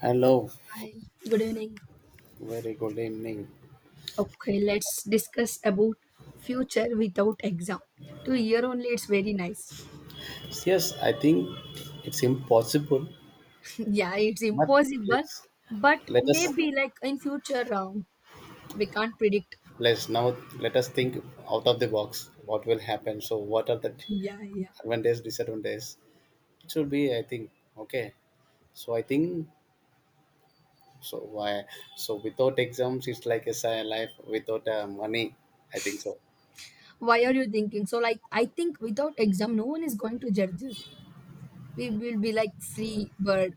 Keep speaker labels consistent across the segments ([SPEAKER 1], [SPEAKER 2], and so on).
[SPEAKER 1] Hello,
[SPEAKER 2] Hi, good evening.
[SPEAKER 1] very good evening.
[SPEAKER 2] Okay, let's discuss about future without exam. To hear only, it's very nice.
[SPEAKER 1] Yes, I think it's impossible,
[SPEAKER 2] Yeah, it's
[SPEAKER 1] but
[SPEAKER 2] impossible,
[SPEAKER 1] let's
[SPEAKER 2] but
[SPEAKER 1] let us
[SPEAKER 2] maybe like in future, we can't predict.
[SPEAKER 1] let's now let us think out of the box. What will happen? So, what are the
[SPEAKER 2] Yeah, yeah.
[SPEAKER 1] advantages, disadvantages? It should be, I think, okay. So, I think so. Why? So, without exams, it's like a life without money. I think so.
[SPEAKER 2] Why are you thinking? So, like, I think without exam, no one is going to judge us. We will be like free bird.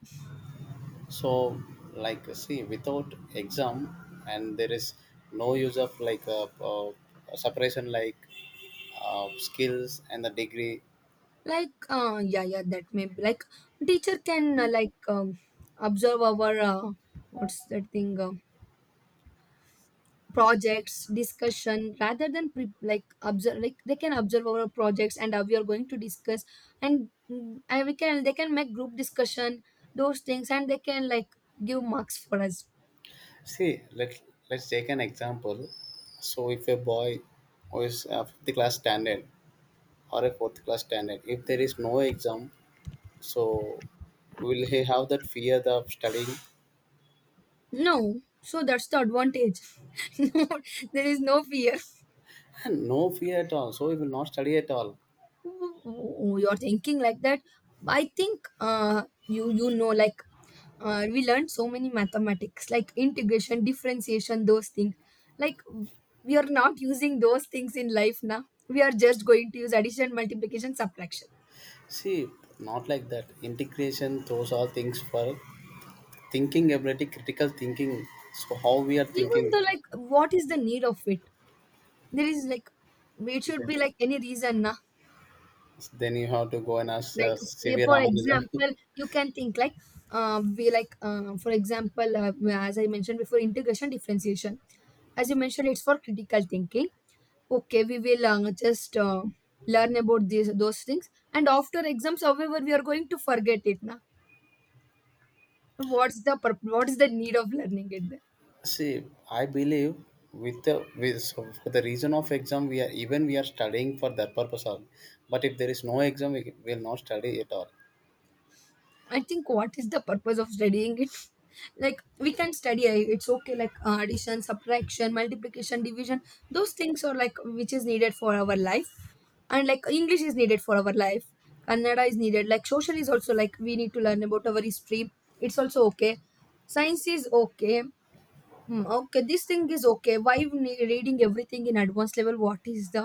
[SPEAKER 1] So, like, see, without exam, and there is no use of like a, separation, like skills and the degree.
[SPEAKER 2] Like, yeah, yeah, that may be like teacher can like observe our what's that thing? Projects discussion rather than like observe, like they can observe our projects and how we are going to discuss, and and we can they can make group discussion, those things, and they can like give marks for us.
[SPEAKER 1] See, let's take an example. So, if a boy who is fifth class standard or a fourth class standard, if there is no exam, so will he have that fear of studying?
[SPEAKER 2] No, so that's the advantage. No, there is no fear.
[SPEAKER 1] No fear at all. So he will not study at all.
[SPEAKER 2] Oh, you're thinking like that. I think you know like we learned so many mathematics like integration, differentiation, those things. Like we are not using those things in life now. We are just going to use addition, multiplication, subtraction.
[SPEAKER 1] See, not like that. Integration, those are things for thinking ability, critical thinking. So how we are
[SPEAKER 2] Even
[SPEAKER 1] thinking.
[SPEAKER 2] though, like, what is the need of it? There is like, it should be like any reason na?
[SPEAKER 1] Then you have to go and ask
[SPEAKER 2] Like
[SPEAKER 1] severe
[SPEAKER 2] for
[SPEAKER 1] Ramanujan.
[SPEAKER 2] example, you can think like, we like for example as I mentioned before, integration, differentiation, as you mentioned, it's for critical thinking. Okay, we will just learn about these those things, and after exams however we are going to forget it now. What's the what's the need of learning it then?
[SPEAKER 1] See, I believe with the with so for the reason of exam, we are studying for that purpose only. But if there is no exam, we will not study at all.
[SPEAKER 2] I think what is the purpose of studying it? Like, we can study, it's okay like, addition, subtraction, multiplication, division, those things are like which is needed for our life. And like English is needed for our life. Kannada is needed. Like social is also like, we need to learn about our history, it's also okay. Science is okay. Hmm, okay, this thing is okay. Why you need reading everything in advanced level? What is the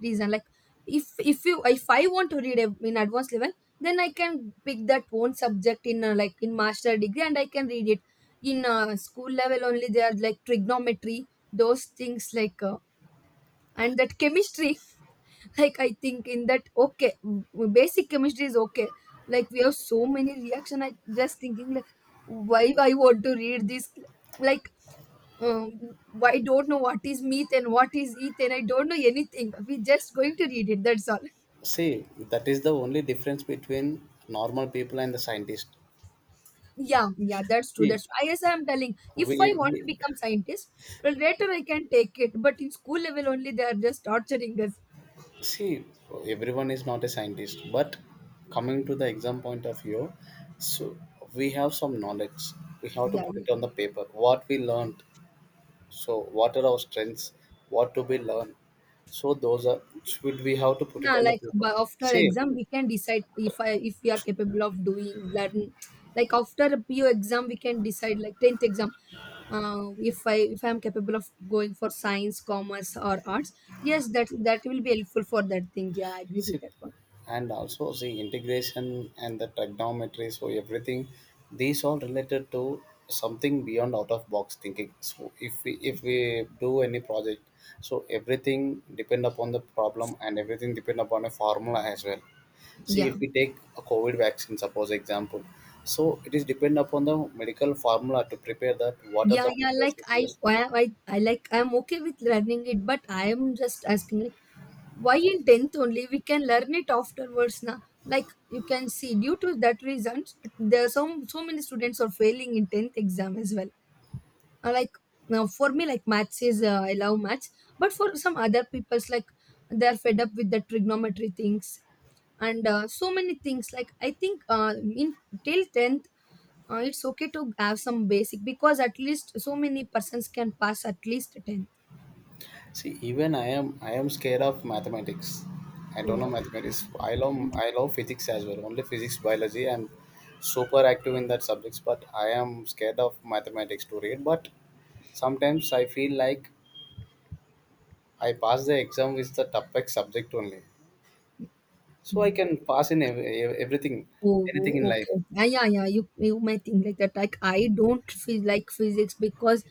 [SPEAKER 2] reason? Like, if you, if I want to read in advanced level, then I can pick that one subject in like in master degree and I can read it. In school level only, they are like trigonometry, those things like and that chemistry. Like I think in that okay, basic chemistry is okay. Like we have so many reaction. I just thinking like why I want to read this, like um, I don't know what is meat and what is Ethan. I don't know anything. We're just going to read it. That's all.
[SPEAKER 1] See, that is the only difference between normal people and the scientist.
[SPEAKER 2] Yeah, yeah, that's true.
[SPEAKER 1] See,
[SPEAKER 2] That's true. As I'm telling, if I want to
[SPEAKER 1] we
[SPEAKER 2] become scientist, well, later I can take it. But in school level only, they are just torturing us.
[SPEAKER 1] see everyone is not a scientist, but coming to the exam point of view, so we have some knowledge. We have to
[SPEAKER 2] Yeah,
[SPEAKER 1] put it on the
[SPEAKER 2] yeah.
[SPEAKER 1] paper. What we learned. So what are our strengths? What do we learn? So those are should we have to put it
[SPEAKER 2] Yeah,
[SPEAKER 1] on the
[SPEAKER 2] like
[SPEAKER 1] paper?
[SPEAKER 2] by after
[SPEAKER 1] See,
[SPEAKER 2] exam we can decide, if we are capable of doing learn, like after a P O exam we can decide, like 10th exam. If I am capable of going for science, commerce or arts, yes, that that will be helpful for that thing. Yeah, I agree with
[SPEAKER 1] SIP,
[SPEAKER 2] that one.
[SPEAKER 1] and also the integration and the trigonometry. So everything, these all related to something beyond out of box thinking. So if we do any project, so everything depend upon the problem and everything depend upon a formula as well. See
[SPEAKER 2] Yeah,
[SPEAKER 1] if we take a covid vaccine suppose example, so it is depend upon the medical formula to prepare that, what are
[SPEAKER 2] yeah,
[SPEAKER 1] the
[SPEAKER 2] yeah,
[SPEAKER 1] materials
[SPEAKER 2] like
[SPEAKER 1] we use.
[SPEAKER 2] I, I like I'm okay with learning it, but I am just asking like, why in 10th only we can learn it afterwards na? Like, you can see due to that reasons there are some, so many students are failing in 10th exam as well. Like now for me like maths is, I love maths, but for some other people's like, they are fed up with the trigonometry things and so many things. Like I think in till 10th it's okay to have some basic because at least so many persons can pass at least 10th.
[SPEAKER 1] See, even I am scared of mathematics. I don't know mathematics. I love physics as well. Only physics, biology. I'm super active in that subjects, but I am scared of mathematics to read. But sometimes I feel like I pass the exam with the toughest subject only, so I can pass in everything,
[SPEAKER 2] Oh,
[SPEAKER 1] anything in
[SPEAKER 2] oh,
[SPEAKER 1] life.
[SPEAKER 2] okay. Yeah, yeah, yeah. You may think like that. Like I don't feel like physics because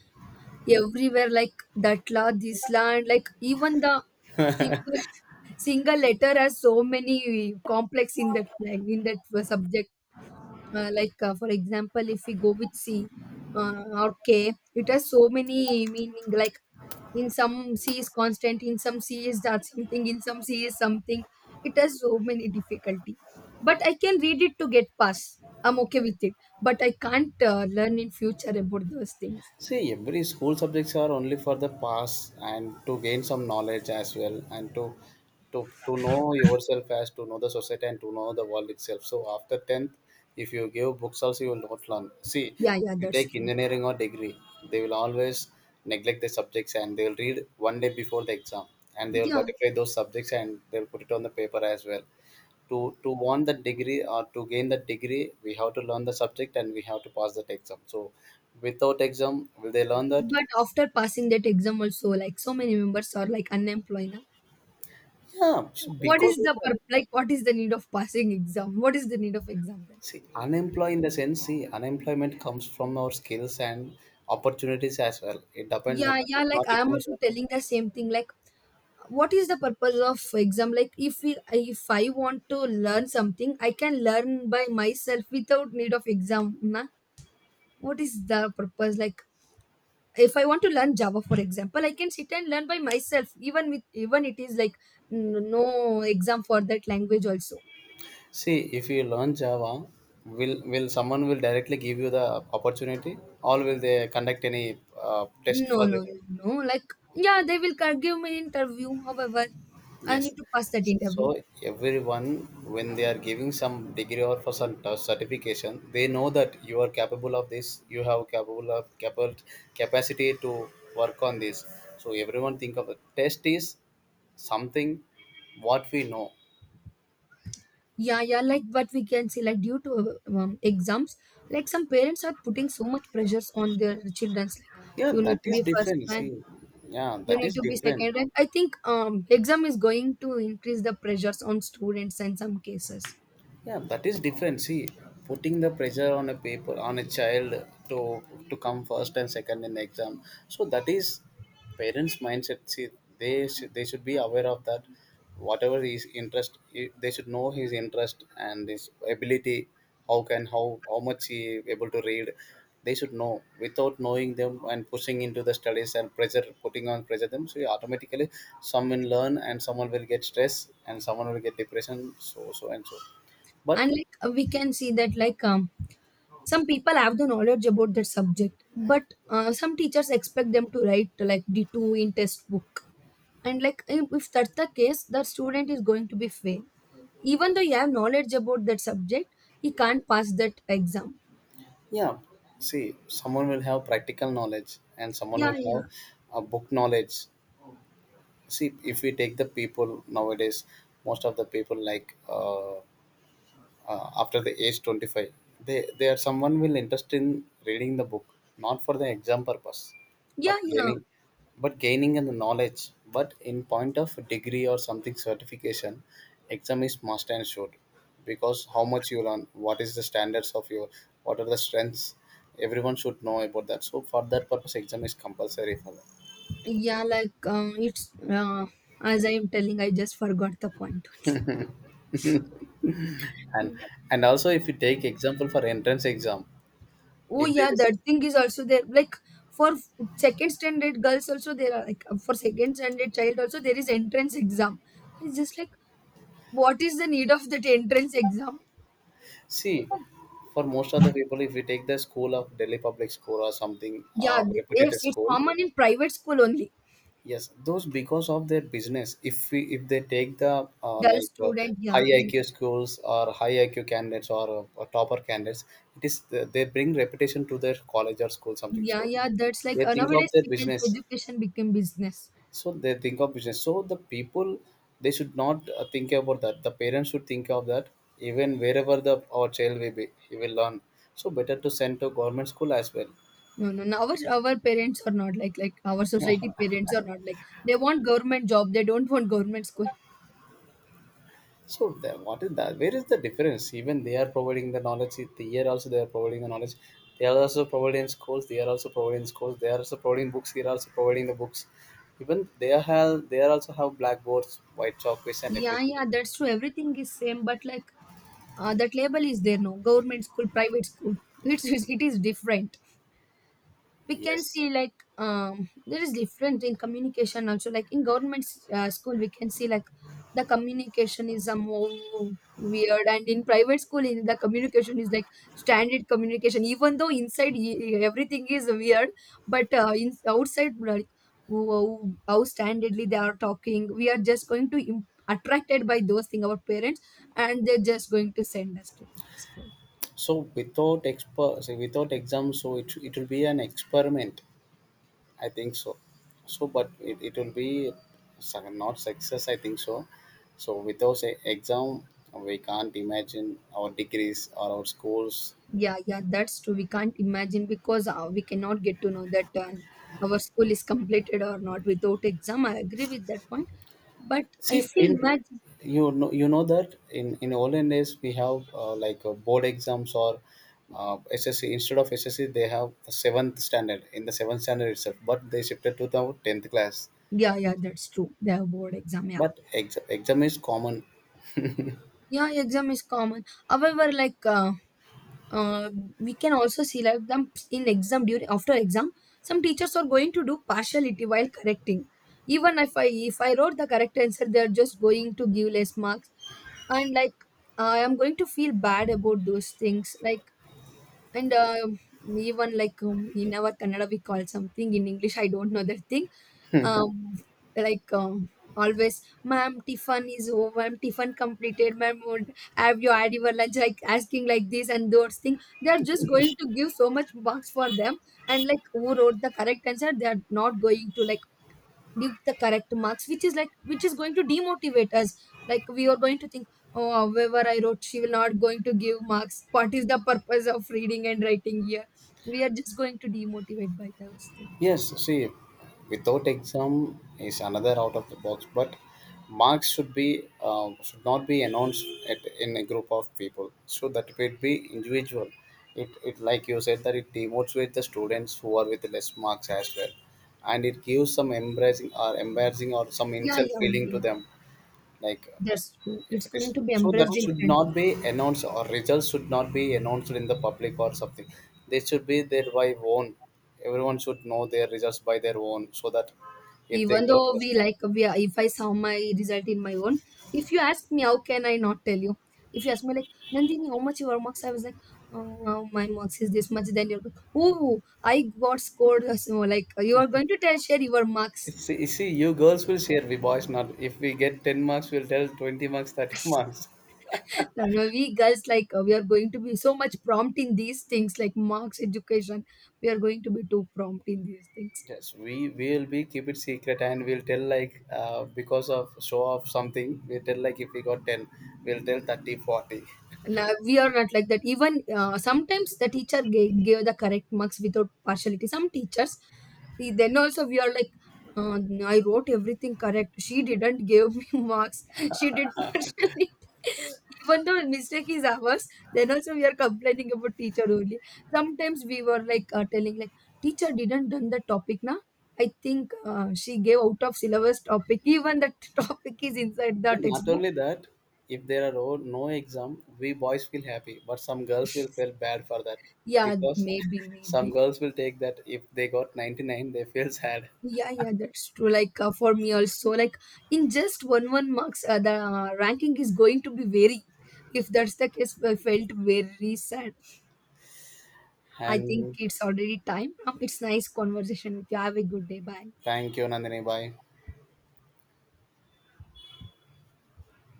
[SPEAKER 2] everywhere like that la, this la, and like even the single single letter has so many complex in that, like in that subject. Like for example, if we go with C or K, it has so many meaning. Like in some c is constant, in some c is that something, in some c is something. It has so many difficulty, but I can read it to get past, I'm okay with it, but I can't learn in future about those things.
[SPEAKER 1] See, every school subjects are only for the pass and to gain some knowledge as well, and to know yourself, as to know the society and to know the world itself. So after tenth, if you give books also, you will not learn. See,
[SPEAKER 2] Yeah, yeah,
[SPEAKER 1] you
[SPEAKER 2] that's
[SPEAKER 1] take
[SPEAKER 2] true.
[SPEAKER 1] engineering or degree, they will always neglect the subjects and they will read one day before the exam, and they will
[SPEAKER 2] Yeah,
[SPEAKER 1] butterfly those subjects and they will put it on the paper as well. to to want the degree or to gain the degree, we have to learn the subject and we have to pass that exam. So without exam, will they learn that?
[SPEAKER 2] but after passing that exam also, like so many members are like unemployed na?
[SPEAKER 1] Yeah,
[SPEAKER 2] What is
[SPEAKER 1] because of
[SPEAKER 2] the
[SPEAKER 1] that.
[SPEAKER 2] like what is the need of passing exam? What is the need of exam then?
[SPEAKER 1] See, unemployed in the sense, see unemployment comes from our skills and opportunities as well. It depend, it,
[SPEAKER 2] Yeah, yeah,
[SPEAKER 1] it
[SPEAKER 2] like
[SPEAKER 1] not
[SPEAKER 2] I'm
[SPEAKER 1] depend
[SPEAKER 2] also
[SPEAKER 1] upon.
[SPEAKER 2] telling the same thing, like what is the purpose of exam? Like if we, if I want to learn something, I can learn by myself without need of exam na? What is the purpose? Like if I want to learn java for example, I can sit and learn by myself, even with even it is like no exam for that language also.
[SPEAKER 1] See, if you learn java, will someone will directly give you the opportunity, or will they conduct any test
[SPEAKER 2] No,
[SPEAKER 1] for
[SPEAKER 2] no,
[SPEAKER 1] you?
[SPEAKER 2] no, no, like yeah, they will give me interview, however I need
[SPEAKER 1] Yes.
[SPEAKER 2] to pass that interview.
[SPEAKER 1] So everyone, when they are giving some degree or for some certification, they know that you are capable of this. You have capable of capable capacity to work on this. So everyone think of the test is something what we know.
[SPEAKER 2] Yeah, yeah, like what we can see, like due to exams, like some parents are putting so much pressures on their childrens. Like
[SPEAKER 1] Yeah,
[SPEAKER 2] you need
[SPEAKER 1] that
[SPEAKER 2] to
[SPEAKER 1] is
[SPEAKER 2] be first
[SPEAKER 1] different.
[SPEAKER 2] rank,
[SPEAKER 1] See, yeah,
[SPEAKER 2] you
[SPEAKER 1] that
[SPEAKER 2] need
[SPEAKER 1] is
[SPEAKER 2] to be
[SPEAKER 1] different.
[SPEAKER 2] second rank. I think exam is going to increase the pressures on students in some cases,
[SPEAKER 1] Yeah, that is different. See, putting the pressure on a paper on a child to to come first and second in exam, so that is parents mindset. See, they should be aware of that, whatever his interest, they should know his interest and his ability, how can how much he able to read, they should know. Without knowing them and pushing into the studies and pressure, putting on pressure them, so automatically some will learn and someone will get stress and someone will get depression, so so and so, but
[SPEAKER 2] and like we can see that like some people have the knowledge about that subject, but some teachers expect them to write like D two in test book, and like if that's the case, the student is going to be fail, even though you have knowledge about that subject he can't pass that exam.
[SPEAKER 1] yeah. See, someone will have practical knowledge and someone
[SPEAKER 2] Yeah,
[SPEAKER 1] will
[SPEAKER 2] yeah,
[SPEAKER 1] have a book knowledge. See, if we take the people nowadays, most of the people like after the age 25, they are someone will interest in reading the book, not for the exam purpose,
[SPEAKER 2] yeah.
[SPEAKER 1] but
[SPEAKER 2] Yeah,
[SPEAKER 1] gaining, in the knowledge. But in point of degree or something certification, exam is must and should, because how much you learn, what is the standards of your, what are the strengths, everyone should know about that. So for that purpose exam is compulsory for them.
[SPEAKER 2] yeah, like it's as I am telling, I just forgot the point.
[SPEAKER 1] and
[SPEAKER 2] Yeah.
[SPEAKER 1] and also if you take example for entrance exam,
[SPEAKER 2] Oh
[SPEAKER 1] if there
[SPEAKER 2] yeah,
[SPEAKER 1] is,
[SPEAKER 2] that thing is also there, like for second standard girls also, there are like for second standard child also there is entrance exam. It's just like, what is the need of that entrance exam?
[SPEAKER 1] see, for most of the people, if we take the school of Delhi public school or something
[SPEAKER 2] Yeah, yes,
[SPEAKER 1] reputed
[SPEAKER 2] it's
[SPEAKER 1] school,
[SPEAKER 2] common in private school only.
[SPEAKER 1] yes, those because of their business. If we if they take the
[SPEAKER 2] Girl student, yeah.
[SPEAKER 1] high IQ schools or high IQ candidates or, topper candidates, it is they bring reputation to their college or school something.
[SPEAKER 2] Yeah,
[SPEAKER 1] So
[SPEAKER 2] yeah, that's like
[SPEAKER 1] they think of
[SPEAKER 2] nowadays
[SPEAKER 1] their
[SPEAKER 2] we can say
[SPEAKER 1] business,
[SPEAKER 2] education became business.
[SPEAKER 1] so they think of business. So the people, they should not think about that, the parents should think of that, even wherever the our child will be he will learn, so better to send to government school as well.
[SPEAKER 2] No, no, no. Our parents are not like, like our society parents are not like, they want government job. They don't want government school.
[SPEAKER 1] So then what is that, where is the difference? Even they are providing the knowledge, the year also they are providing the knowledge, they are also providing schools, they are also providing the books, even they are have, they are also have blackboards, white chalkboards and
[SPEAKER 2] Yeah,
[SPEAKER 1] everything.
[SPEAKER 2] yeah, that's true. Everything is same, but like that label is there. No, government school, private school. It's it is different. We can
[SPEAKER 1] Yes.
[SPEAKER 2] see like there is different in communication also, like in government school we can see like the communication is a more weird, and in private school in the communication is like standard communication, even though inside everything is weird, but in outside like how standardly they are talking, we are just going to attracted by those things, our parents, and they're just going to send us to that school.
[SPEAKER 1] So without so without exam, so it will be an experiment. I think so. So, but it will be not success. I think so. So without say, exam, we can't imagine our degrees or our schools.
[SPEAKER 2] Yeah, yeah, that's true. We can't imagine because we cannot get to know that our school is completed or not without exam. I agree with that point. But
[SPEAKER 1] See,
[SPEAKER 2] if we
[SPEAKER 1] in,
[SPEAKER 2] imagine,
[SPEAKER 1] you know that in olden days we have board exams or SSC, instead of SSC they have the seventh standard, in the seventh standard itself, but they shifted to the tenth class.
[SPEAKER 2] yeah, yeah, that's true. The board exam, yeah,
[SPEAKER 1] But exam is common.
[SPEAKER 2] yeah, exam is common. However, like uh, we can also see like them in exam during after exam, some teachers are going to do partiality while correcting. Even if I wrote the correct answer, they are just going to give less marks, and like I am going to feel bad about those things. Like. And even like in our Kannada, we call something in English. I don't know that thing. Um, like um, always, ma'am, Tiffin is over. Ma'am, Tiffin completed. Ma'am, would have you had your lunch? Like asking like this and those things. They are just going to give so much marks for them. And like who wrote the correct answer, they are not going to like give the correct marks, which is like which is going to demotivate us. Like we are going to think, oh, however I wrote, she will not going to give marks. What is the purpose of reading and writing here? We are just going to demotivate by those things.
[SPEAKER 1] Yes, see, without exam is another out of the box, but marks should be, should not be announced at, in a group of people, so that it will be individual. It like you said that it demotivates the students who are with less marks as well, and it gives some embarrassing or some
[SPEAKER 2] Yeah,
[SPEAKER 1] insult
[SPEAKER 2] yeah,
[SPEAKER 1] feeling to
[SPEAKER 2] yeah,
[SPEAKER 1] them. Like,
[SPEAKER 2] that's true.
[SPEAKER 1] if
[SPEAKER 2] It's
[SPEAKER 1] it is
[SPEAKER 2] going to be
[SPEAKER 1] so, that
[SPEAKER 2] embraced in
[SPEAKER 1] should
[SPEAKER 2] front
[SPEAKER 1] not
[SPEAKER 2] of.
[SPEAKER 1] be announced or results should not be announced in the public or something. They should be there by own, everyone should know their results by their own, so that if they
[SPEAKER 2] Even
[SPEAKER 1] got
[SPEAKER 2] though
[SPEAKER 1] it's.
[SPEAKER 2] we like we are, if I saw my result in my own, if you ask me how can I not tell you. If you ask me like, nandini, how much your marks, I was like, oh, my marks is this much. Then you're like, oh, I got scored so like you are going to tell, share your marks.
[SPEAKER 1] You see, you girls will share, we boys not. If we get 10 marks we'll tell 20 marks, 30 marks.
[SPEAKER 2] Like, you know, we girls like, we are going to be so much prompt in these things, like marks, education, we are going to be too prompt in these things.
[SPEAKER 1] Yes, we will be keep it secret and we'll tell like because of show of something. We tell like if we got 10, we'll tell 30, 40.
[SPEAKER 2] No, we are not like that. Even sometimes the teacher gave the correct marks without partiality. Some teachers, eh, then also we are like, uh, I wrote everything correct. She didn't give me marks. She did partiality. Even though mistake is ours, then also we are complaining about teacher only. Sometimes we were like telling like teacher didn't done the topic na. I think she gave out of syllabus topic. Even that topic is inside the
[SPEAKER 1] And not
[SPEAKER 2] textbook.
[SPEAKER 1] only that, if there are no exam, we boys feel happy, but some girls will feel bad for that,
[SPEAKER 2] Yeah,
[SPEAKER 1] because
[SPEAKER 2] maybe,
[SPEAKER 1] some
[SPEAKER 2] maybe.
[SPEAKER 1] girls will take that if they got 99, they feel sad.
[SPEAKER 2] Yeah, yeah, that's true. Like for me also, like in just one marks, the ranking is going to be very. If that's the case, I felt very sad. I think
[SPEAKER 1] And
[SPEAKER 2] it's already time. It's nice conversation with you. Have a good day. Bye.
[SPEAKER 1] thank you, Nandini. Bye.